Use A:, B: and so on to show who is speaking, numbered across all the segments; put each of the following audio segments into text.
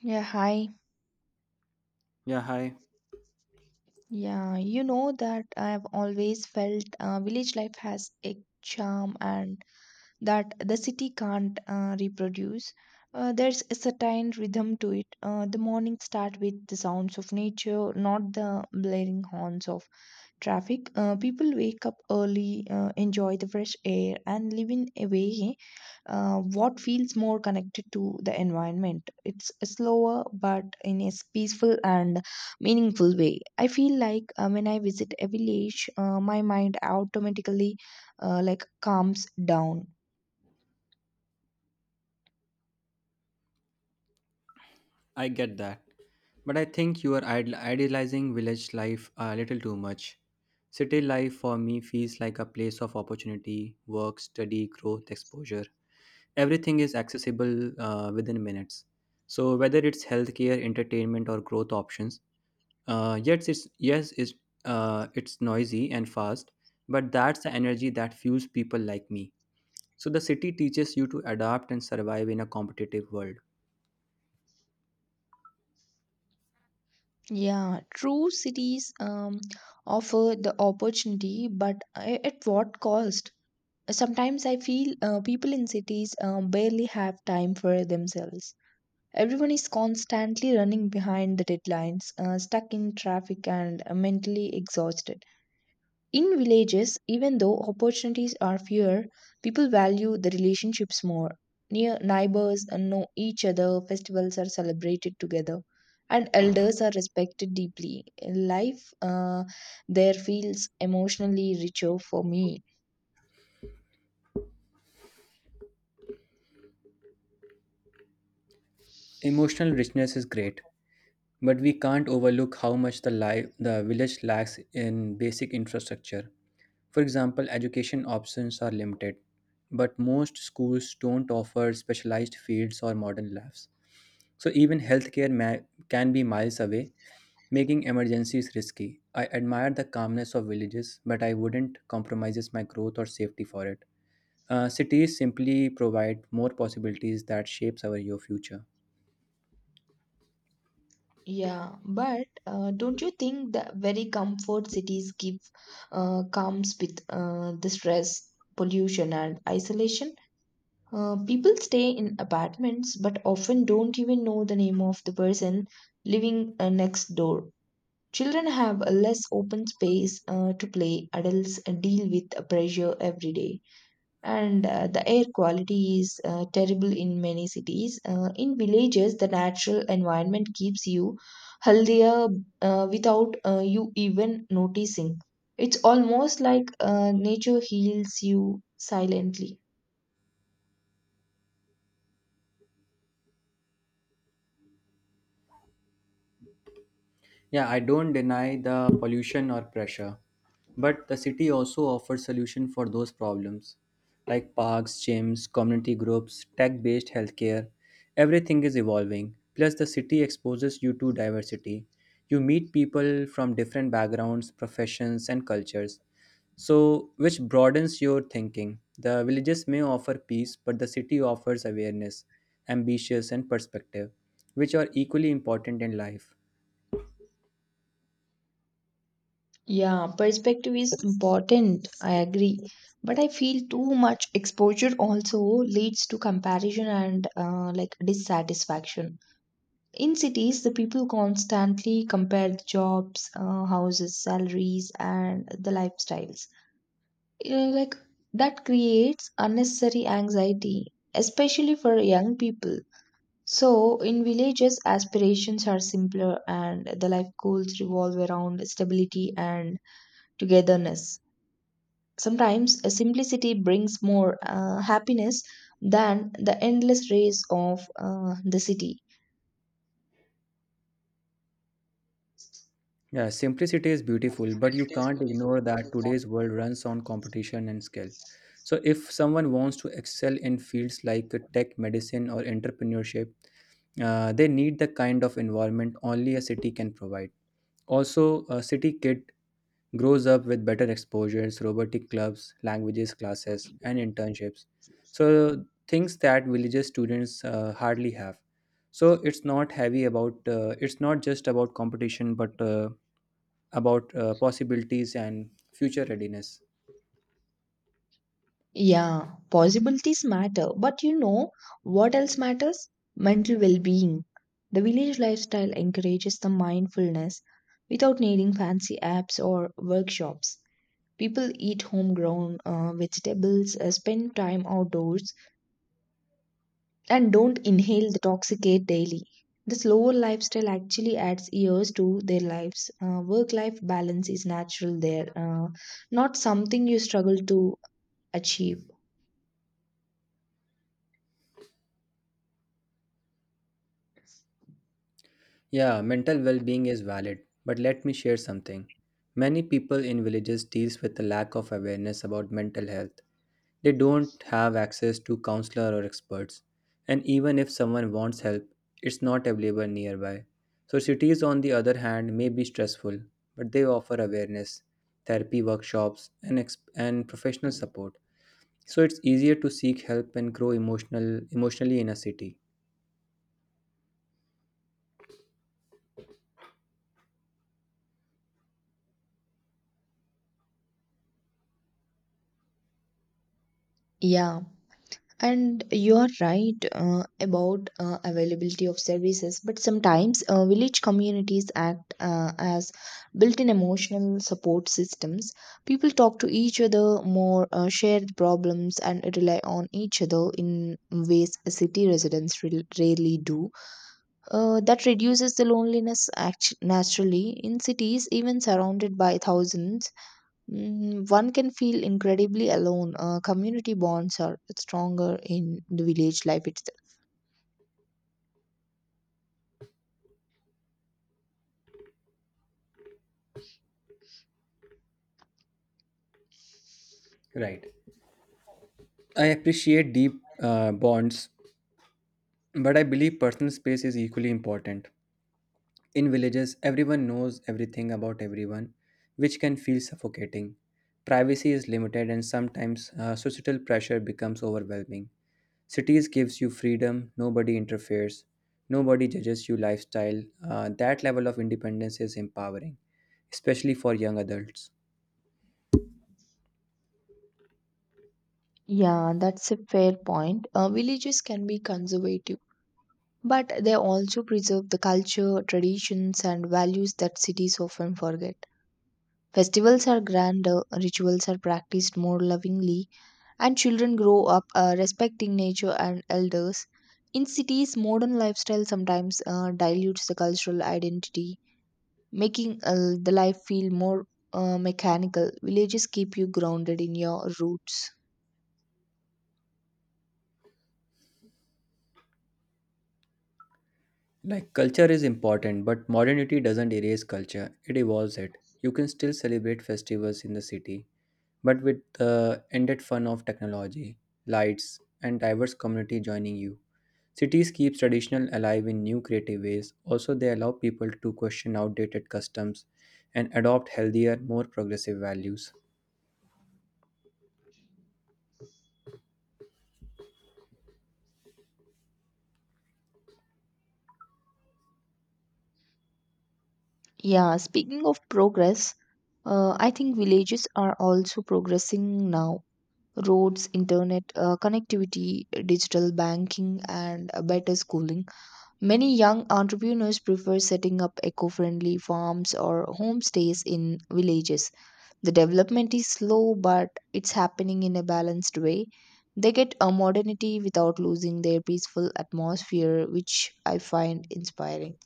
A: Yeah, hi.
B: Yeah, hi.
A: Yeah, you know that I've always felt village life has a charm and that the city can't reproduce. There's a certain rhythm to it. The morning start with the sounds of nature, not the blaring horns of traffic. People wake up early, enjoy the fresh air, and live in a way what feels more connected to the environment. It's slower, but in a peaceful and meaningful way. I feel like when I visit a village, my mind automatically calms down.
B: I get that. But I think you are idealizing village life a little too much. City life for me feels like a place of opportunity, work, study, growth, exposure. Everything is accessible within minutes. So whether it's healthcare, entertainment, or growth options, uh, yes, it's yes, it's it's noisy and fast, but that's the energy that fuels people like me. So the city teaches you to adapt and survive in a competitive world.
A: Yeah, true, cities offer the opportunity, but at what cost? Sometimes I feel people in cities barely have time for themselves. Everyone is constantly running behind the deadlines, stuck in traffic, and mentally exhausted. In villages, even though opportunities are fewer, people value the relationships more. Near neighbors know each other, festivals are celebrated together, and elders are respected deeply. Life there feels emotionally richer for me.
B: Emotional richness is great, but we can't overlook how much the village lacks in basic infrastructure. For example, education options are limited, but most schools don't offer specialized fields or modern labs. So even can be miles away, making emergencies risky. I admire the calmness of villages, but I wouldn't compromise my growth or safety for it. Cities simply provide more possibilities that shapes our your future.
A: Yeah, but don't you think the very comfort cities give comes with the stress, pollution, and isolation? People stay in apartments but often don't even know the name of the person living next door. Children have a less open space to play. Adults deal with pressure every day, and the air quality is terrible in many cities. In villages, the natural environment keeps you healthier without you even noticing. It's almost like nature heals you silently.
B: Yeah, I don't deny the pollution or pressure, but the city also offers solution for those problems like parks, gyms, community groups, tech-based healthcare. Everything is evolving. Plus the city exposes you to diversity. You meet people from different backgrounds, professions and cultures. So, which broadens your thinking. The villages may offer peace, but the city offers awareness, ambitions and perspective, which are equally important in life.
A: Yeah, perspective is important. I agree. But I feel too much exposure also leads to comparison and dissatisfaction. In cities, the people constantly compare the jobs, houses, salaries, and the lifestyles. Uh, like that creates unnecessary anxiety, especially for young people. So, in villages, aspirations are simpler and the life goals revolve around stability and togetherness. Sometimes, a simplicity brings more happiness than the endless race of the city.
B: Yeah, simplicity is beautiful, but you can't ignore that today's world runs on competition and skill. So, if someone wants to excel in fields like tech, medicine, or entrepreneurship, they need the kind of environment only a city can provide. Also, a city kid grows up with better exposures, robotic clubs, languages classes, and internships. So, things that villages students hardly have. So, it's not heavy about, it's not just about competition, but about possibilities and future readiness.
A: Yeah, possibilities matter, but you know what else matters? Mental well being. The village lifestyle encourages the mindfulness without needing fancy apps or workshops. People eat homegrown vegetables, spend time outdoors, and don't inhale the toxic air daily. The slower lifestyle actually adds years to their lives. Work life balance is natural there, not something you struggle to achieve.
B: Yeah, mental well-being is valid, but let me share something. Many people in villages deals with the lack of awareness about mental health. They don't have access to counselor or experts, and even if someone wants help, it's not available nearby. So cities on the other hand may be stressful, but they offer awareness, therapy workshops and professional support. So it's easier to seek help and grow emotionally in a city.
A: Yeah. And you're right about availability of services, but sometimes village communities act as built in emotional support systems. People talk to each other more, share the problems, and rely on each other in ways city residents rarely do. That reduces the loneliness naturally. In cities, even surrounded by thousands, one can feel incredibly alone. Community bonds are stronger in the village life itself.
B: Right. I appreciate deep bonds, but I believe personal space is equally important. In villages, everyone knows everything about everyone, which can feel suffocating. Privacy is limited, and sometimes societal pressure becomes overwhelming. Cities gives you freedom; nobody interferes, nobody judges your lifestyle. That level of independence is empowering, especially for young adults.
A: Yeah, that's a fair point. Villages can be conservative, but they also preserve the culture, traditions, and values that cities often forget. Festivals are grander, rituals are practiced more lovingly, and children grow up respecting nature and elders. In cities, modern lifestyle sometimes dilutes the cultural identity, making the life feel more mechanical. Villages keep you grounded in your roots.
B: Like culture is important, but modernity doesn't erase culture, it evolves it. You can still celebrate festivals in the city, but with the ended fun of technology, lights, and diverse community joining you. Cities keep traditional alive in new creative ways. Also, they allow people to question outdated customs and adopt healthier, more progressive values.
A: Yeah, speaking of progress, I think villages are also progressing now. Roads, internet, connectivity, digital banking, and better schooling. Many young entrepreneurs prefer setting up eco friendly farms or homestays in villages. The development is slow, but it's happening in a balanced way. They get a modernity without losing their peaceful atmosphere, which I find inspiring.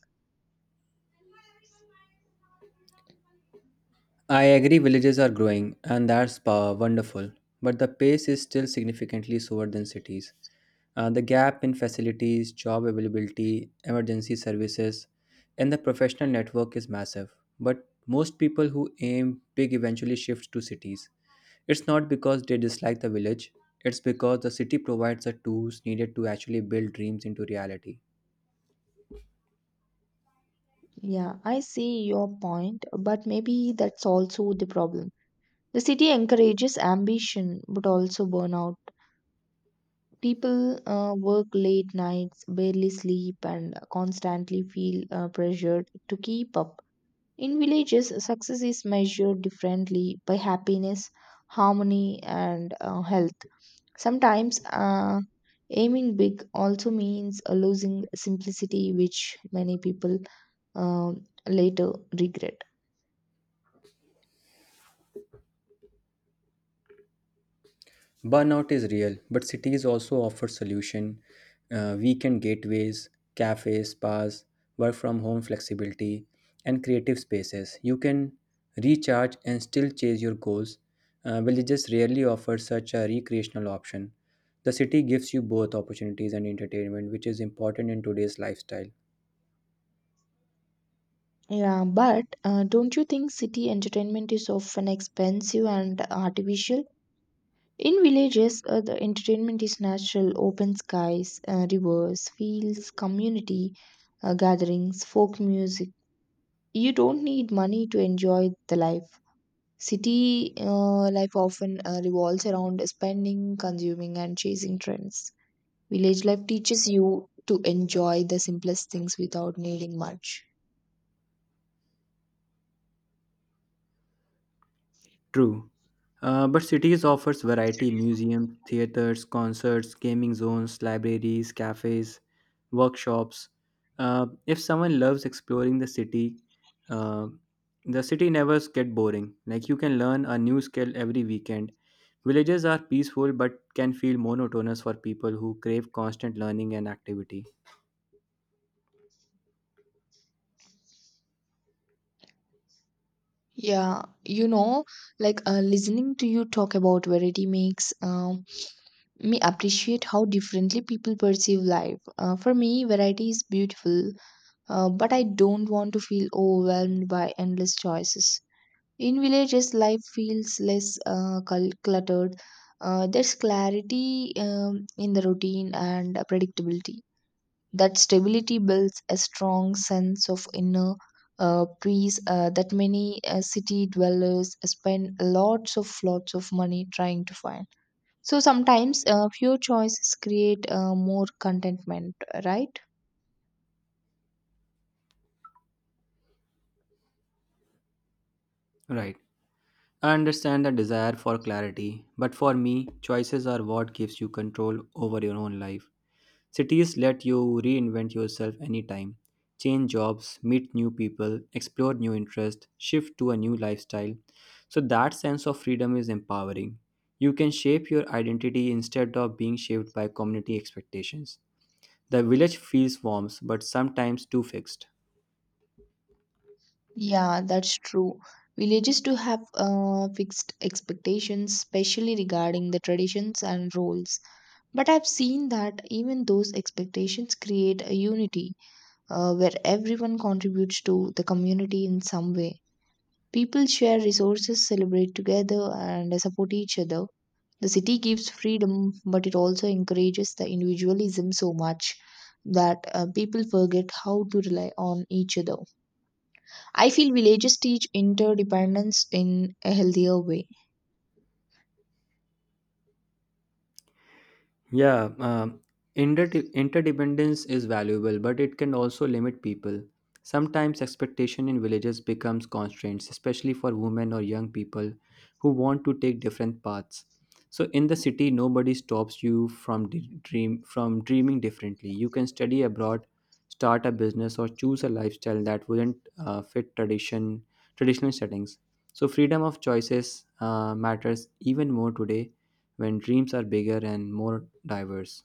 B: I agree villages are growing and that's wonderful, but the pace is still significantly slower than cities. The gap in facilities, job availability, emergency services, and the professional network is massive. But most people who aim big eventually shift to cities. It's not because they dislike the village, it's because the city provides the tools needed to actually build dreams into reality.
A: Yeah, I see your point, but maybe that's also the problem. The city encourages ambition but also burnout. People work late nights, barely sleep, and constantly feel pressured to keep up. In villages, success is measured differently by happiness, harmony, and health. Sometimes aiming big also means losing simplicity, which many people later regret.
B: Burnout is real, but cities also offer solution. Weekend gateways, cafes, spas, work from home flexibility, and creative spaces. You can recharge and still chase your goals. Villages rarely offer such a recreational option. The city gives you both opportunities and entertainment, which is important in today's lifestyle.
A: Yeah, but don't you think city entertainment is often expensive and artificial? In villages, the entertainment is natural: open skies, rivers, fields, community gatherings, folk music. You don't need money to enjoy the life. City life often revolves around spending, consuming, and chasing trends. Village life teaches you to enjoy the simplest things without needing much.
B: True. But cities offers variety museums, theaters, concerts, gaming zones, libraries, cafes, workshops. If someone loves exploring uh, the city never get boring. Like you can learn a new skill every weekend. Villages are peaceful but can feel monotonous for people who crave constant learning and activity.
A: Yeah, you know, like listening to you talk about variety makes me appreciate how differently people perceive life. For me, variety is beautiful, but I don't want to feel overwhelmed by endless choices. In villages, life feels less cluttered. There's clarity in the routine and predictability. That stability builds a strong sense of inner peace that many city dwellers spend lots of money trying to find. So sometimes few choices create more contentment, right?
B: Right. I understand the desire for clarity, but for me, choices are what gives you control over your own life. Cities let you reinvent yourself anytime, change jobs, meet new people, explore new interests, shift to a new lifestyle. So that sense of freedom is empowering. You can shape your identity instead of being shaped by community expectations. The village feels warm but sometimes too fixed.
A: Yeah, that's true. Villages do have fixed expectations, especially regarding the traditions and roles. But I've seen that even those expectations create a unity where everyone contributes to the community in some way. People share resources, celebrate together, and support each other. The city gives freedom, but it also encourages the individualism so much that people forget how to rely on each other. I feel villages teach interdependence in a healthier way.
B: Yeah, inter- interdependence is valuable, but it can also limit people. Sometimes expectation in villages becomes constraints, especially for women or young people who want to take different paths. So in the city, nobody stops you from dreaming differently. You can study abroad, start a business, or choose a lifestyle that wouldn't fit traditional settings. So freedom of choices matters even more today when dreams are bigger and more diverse.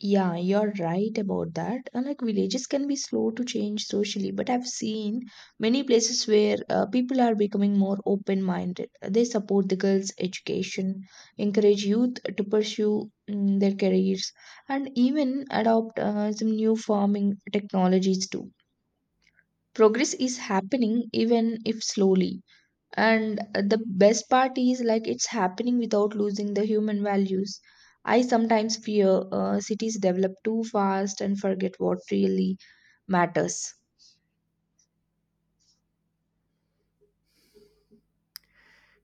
A: Yeah, you're right about that. Like villages can be slow to change socially, but I've seen many places where people are becoming more open minded. They support the girls' education, encourage youth to pursue their careers, and even adopt some new farming technologies too. Progress is happening even if slowly. And the best part is like it's happening without losing the human values. I sometimes fear cities develop too fast and forget what really matters.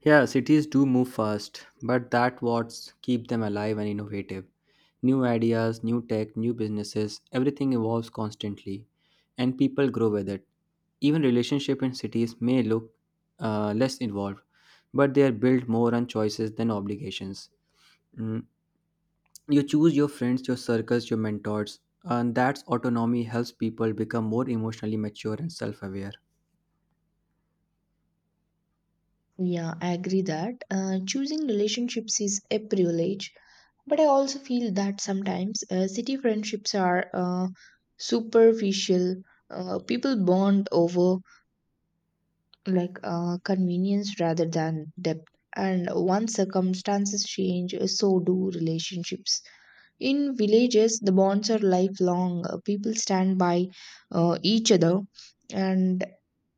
B: Yeah, cities do move fast, but that what's keep them alive and innovative. New ideas, new tech, new businesses, everything evolves constantly, and people grow with it. Even relationship in cities may look less involved, but they are built more on choices than obligations. Mm, You choose your friends, your circles, your mentors, and that's autonomy helps people become more emotionally mature and self-aware.
A: Yeah, I agree that choosing relationships is a privilege, but I also feel that sometimes city friendships are superficial. People bond over convenience rather than depth. And once circumstances change, so do relationships. In villages, the bonds are lifelong. People stand by each other and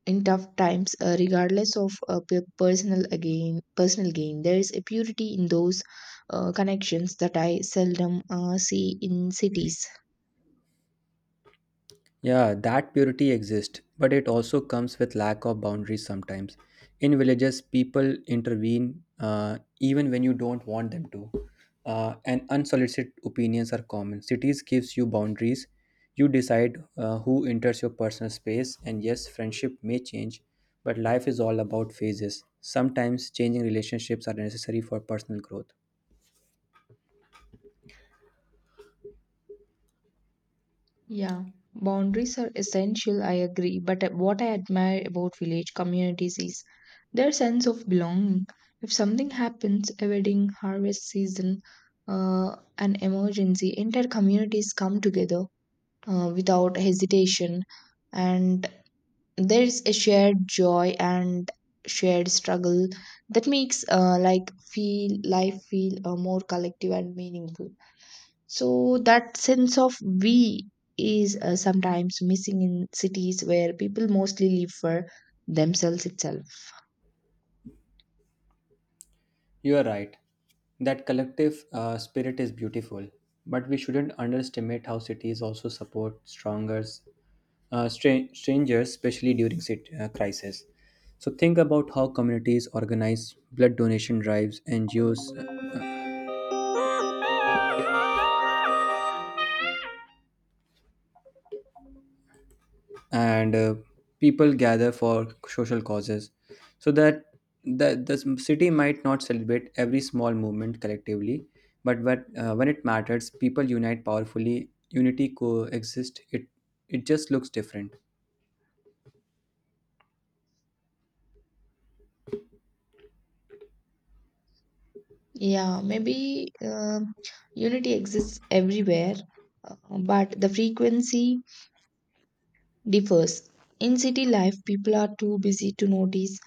A: in tough times, regardless of personal gain. There is a purity in those connections that I seldom see in cities.
B: Yeah, that purity exists, but it also comes with lack of boundaries sometimes. In villages, people intervene even when you don't want them to, and unsolicited opinions are common. Cities gives you boundaries. You decide who enters your personal space, and yes, friendship may change, but life is all about phases. Sometimes changing relationships are necessary for personal growth.
A: Yeah, boundaries are essential, I agree. But what I admire about village communities is their sense of belonging. If something happens, a wedding, harvest season, an emergency, entire communities come together without hesitation, and there is a shared joy and shared struggle that makes like feel life feel more collective and meaningful. So that sense of we is sometimes missing in cities where people mostly live for themselves itself.
B: You are right. That collective spirit is beautiful, but we shouldn't underestimate how cities also support stronger strangers, especially during crisis. So think about how communities organize blood donation drives, NGOs, and people gather for social causes, so that the city might not celebrate every small movement collectively, but when it matters, people unite powerfully. Unity coexist. It just looks different.
A: Yeah, maybe unity exists everywhere, but the frequency differs. In city life, people are too busy to notice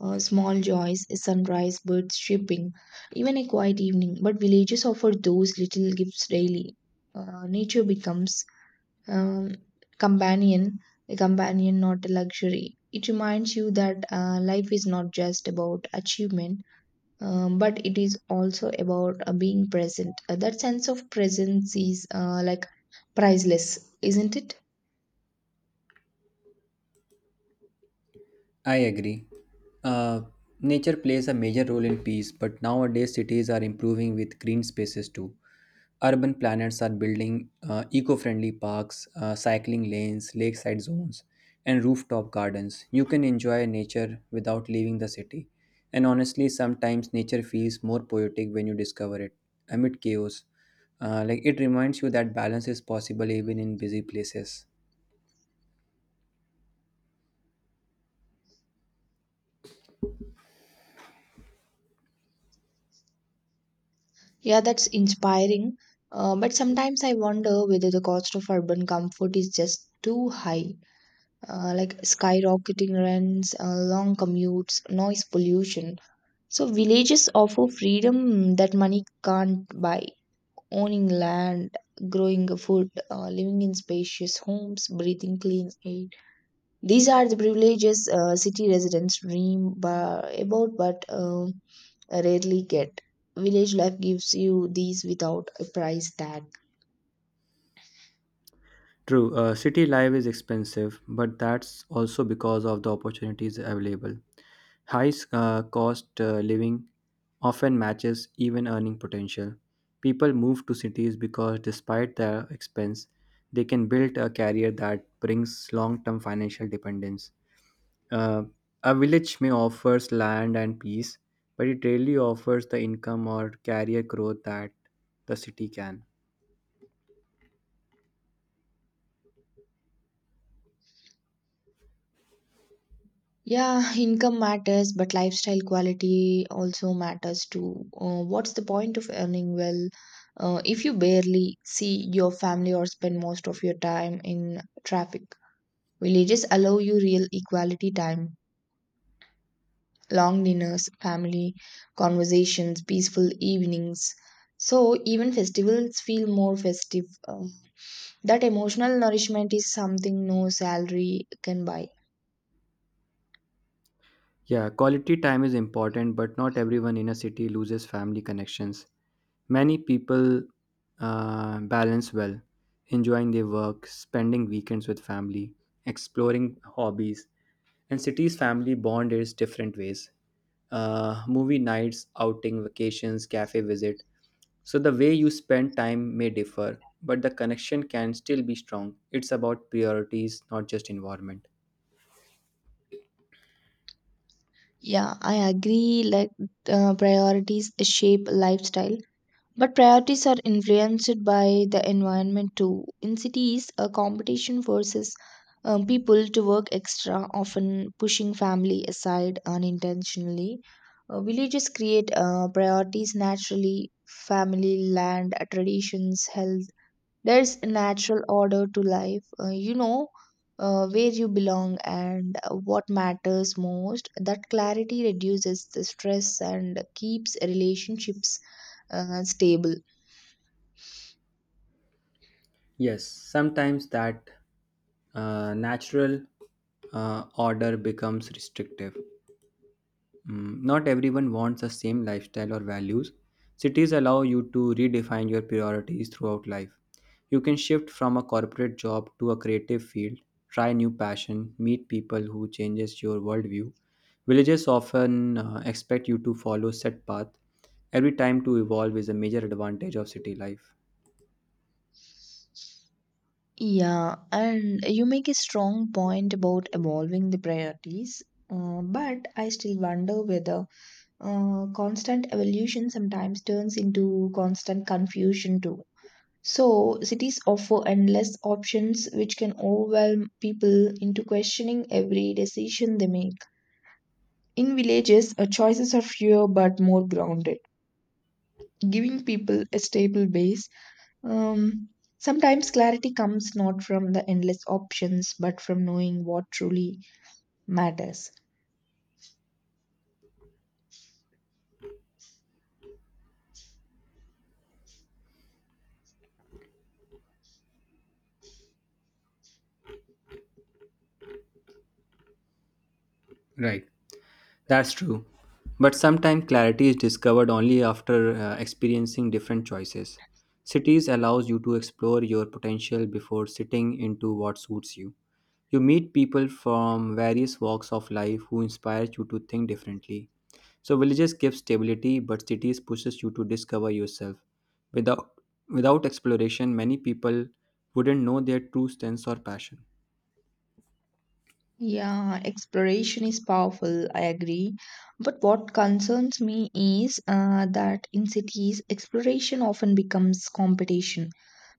A: small joys, a sunrise, birds chirping, even a quiet evening. But villages offer those little gifts daily. Nature becomes um, companion, a companion, not a luxury. It reminds you that life is not just about achievement, but it is also about being present. That sense of presence is priceless, isn't it?
B: I agree. Uh, Nature plays a major role in peace, but nowadays cities are improving with green spaces too. Urban planners are building eco friendly parks, cycling lanes, lakeside zones, and rooftop gardens. You can enjoy nature without leaving the city. And honestly, sometimes nature feels more poetic when you discover it amid chaos. Like it reminds you that balance is possible even in busy places.
A: Yeah, that's inspiring. But sometimes I wonder whether the cost of urban comfort is just too high, like skyrocketing rents, long commutes, noise pollution. So villages offer freedom that money can't buy. Owning land, growing food, living in spacious homes, breathing clean air. These are the privileges city residents dream about but rarely get. Village life gives you these without a price tag.
B: True, city life is expensive, but that's also because of the opportunities available. High cost living often matches even earning potential. People move to cities because, despite their expense, they can build a career that brings long term financial dependence. Uh, a village may offers land and peace, but it rarely offers the income or career growth that the city can.
A: Yeah, income matters, but lifestyle quality also matters too. What's the point of earning well if you barely see your family or spend most of your time in traffic? Villages allow you real equality time, long dinners, family conversations, peaceful evenings. So even festivals feel more festive. That emotional nourishment is something no salary can buy.
B: Yeah, quality time is important, but not everyone in a city loses family connections. Many people balance well, enjoying their work, spending weekends with family, exploring hobbies. And cities family bond is different ways. Movie nights, outing, vacations, cafe visit. So the way you spend time may differ, but the connection can still be strong. It's about priorities, not just environment.
A: Yeah, I agree. Priorities shape lifestyle, but priorities are influenced by the environment too. In cities, a competition forces people to work extra, often pushing family aside unintentionally. Villages create priorities naturally: family, land, traditions, health. There's a natural order to life. You know where you belong and what matters most. That clarity reduces the stress and keeps relationships stable.
B: Yes, sometimes that natural order becomes restrictive. Not everyone wants the same lifestyle or values. Cities allow you to redefine your priorities throughout life. You can shift from a corporate job to a creative field, try new passion, meet people who changes your worldview. Villages often expect you to follow set path. Every time to evolve is a major advantage of city life.
A: Yeah, and you make a strong point about evolving the priorities. But I still wonder whether constant evolution sometimes turns into constant confusion too. So, cities offer endless options which can overwhelm people into questioning every decision they make. In villages, choices are fewer but more grounded, giving people a stable base. Um, Sometimes clarity comes not from the endless options but from knowing what truly matters.
B: Right. That's true. But sometimes clarity is discovered only after experiencing different choices. Cities allows you to explore your potential before sitting into what suits you. You meet people from various walks of life who inspire you to think differently. So villages give stability, but cities pushes you to discover yourself. Without without exploration, many people wouldn't know their true strengths or passion.
A: Yeah, exploration is powerful, I agree. But what concerns me is that in cities, exploration often becomes competition.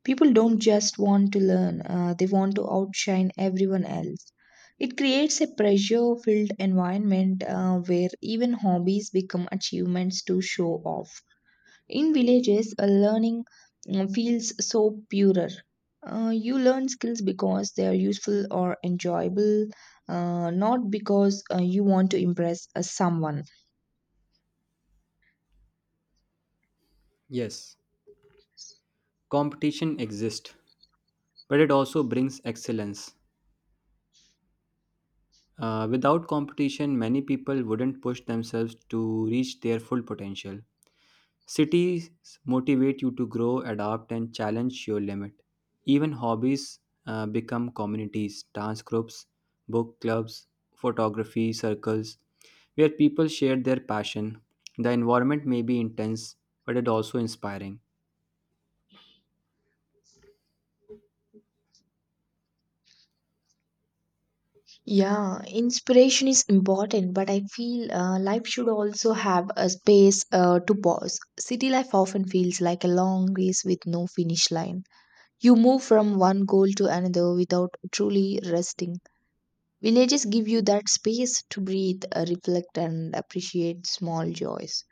A: People don't just want to learn, they want to outshine everyone else. It creates a pressure filled environment where even hobbies become achievements to show off. In villages, learning feels so purer. You learn skills because they are useful or enjoyable, not because you want to impress someone.
B: Yes, competition exists, but it also brings excellence. Without competition, many people wouldn't push themselves to reach their full potential. Cities motivate you to grow, adapt, and challenge your limit. Even hobbies become communities, dance groups, book clubs, photography circles, where people share their passion. The environment may be intense, but it also inspiring.
A: Yeah, inspiration is important, but I feel life should also have a space to pause. City life often feels like a long race with no finish line. You move from one goal to another without truly resting. Villages give you that space to breathe, reflect, and appreciate small joys.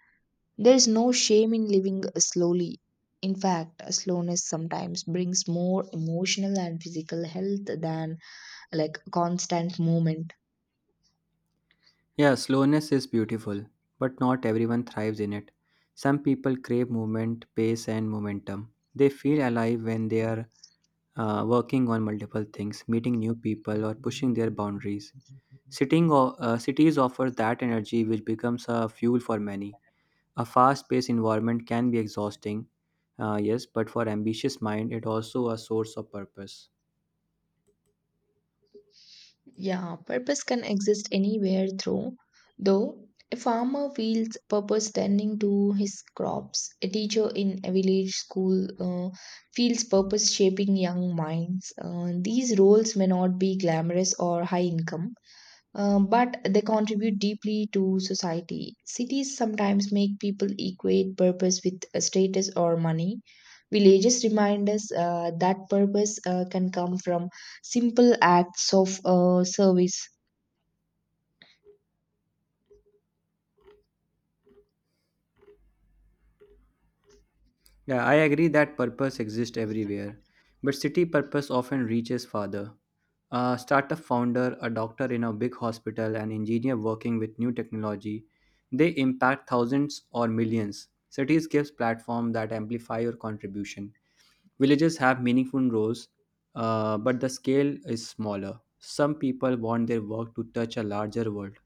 A: There is no shame in living slowly. In fact, slowness sometimes brings more emotional and physical health than like constant movement.
B: Yeah, slowness is beautiful, but not everyone thrives in it. Some people crave movement, pace, and momentum. They feel alive when they are working on multiple things, meeting new people, or pushing their boundaries. Cities offer that energy, which becomes a fuel for many. A fast-paced environment can be exhausting, yes, but for ambitious mind, it also a source of purpose.
A: Yeah, purpose can exist anywhere though, a farmer feels purpose tending to his crops. A teacher in a village school feels purpose shaping young minds. These roles may not be glamorous or high income, but they contribute deeply to society. Cities sometimes make people equate purpose with status or money. Villages remind us that purpose can come from simple acts of service.
B: Yeah, I agree that purpose exists everywhere, but city purpose often reaches farther. A startup founder, a doctor in a big hospital, an engineer working with new technology, they impact thousands or millions. Cities gives platform that amplify your contribution. Villages have meaningful roles, but the scale is smaller. Some people want their work to touch a larger world.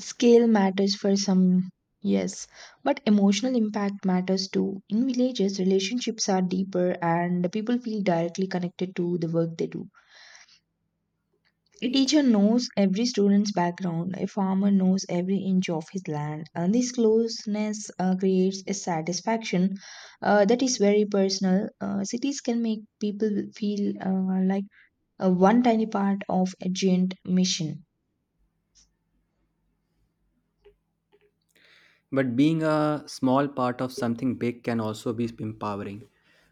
A: Scale matters for some, yes, but emotional impact matters too. In villages, relationships are deeper and the people feel directly connected to the work they do. A teacher knows every student's background. A farmer knows every inch of his land. And this closeness creates a satisfaction that is very personal. Cities can make people feel like one tiny part of a giant mission.
B: But being a small part of something big can also be empowering.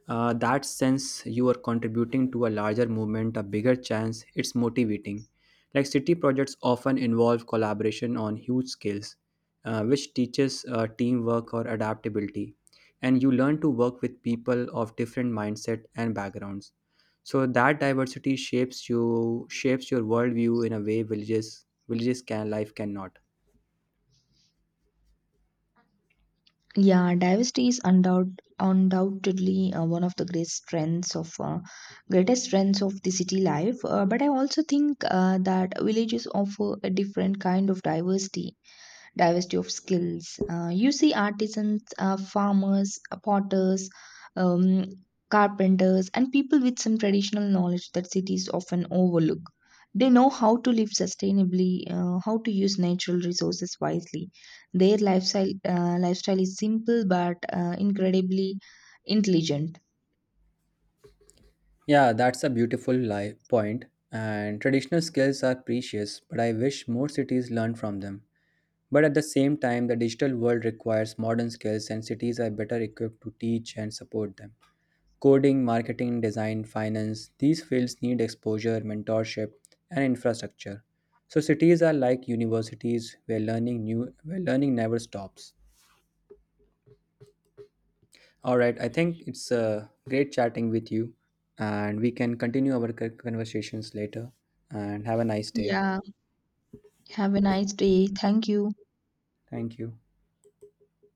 B: That sense you are contributing to a larger movement, a bigger chance, it's motivating. Like city projects often involve collaboration on huge scales, which teaches teamwork or adaptability. And you learn to work with people of different mindset and backgrounds. So that diversity shapes you, shapes your worldview in a way villages life cannot.
A: Yeah, diversity is undoubtedly one of the great strengths of greatest strengths of the city life. But I also think that villages offer a different kind of diversity of skills. You see artisans, farmers, potters, um, carpenters, and people with some traditional knowledge that cities often overlook. They know how to live sustainably, how to use natural resources wisely. Their lifestyle is simple but incredibly intelligent.
B: Yeah, that's a beautiful point. And traditional skills are precious, but I wish more cities learn from them. But at the same time, the digital world requires modern skills, and cities are better equipped to teach and support them. Coding, marketing, design, finance these fields need exposure, mentorship, and infrastructure. So, cities are like universities where learning never stops. All right, I think it's great chatting with you, and we can continue our conversations later. And have a nice day.
A: Yeah. Have a nice day. Thank you.
B: Thank you.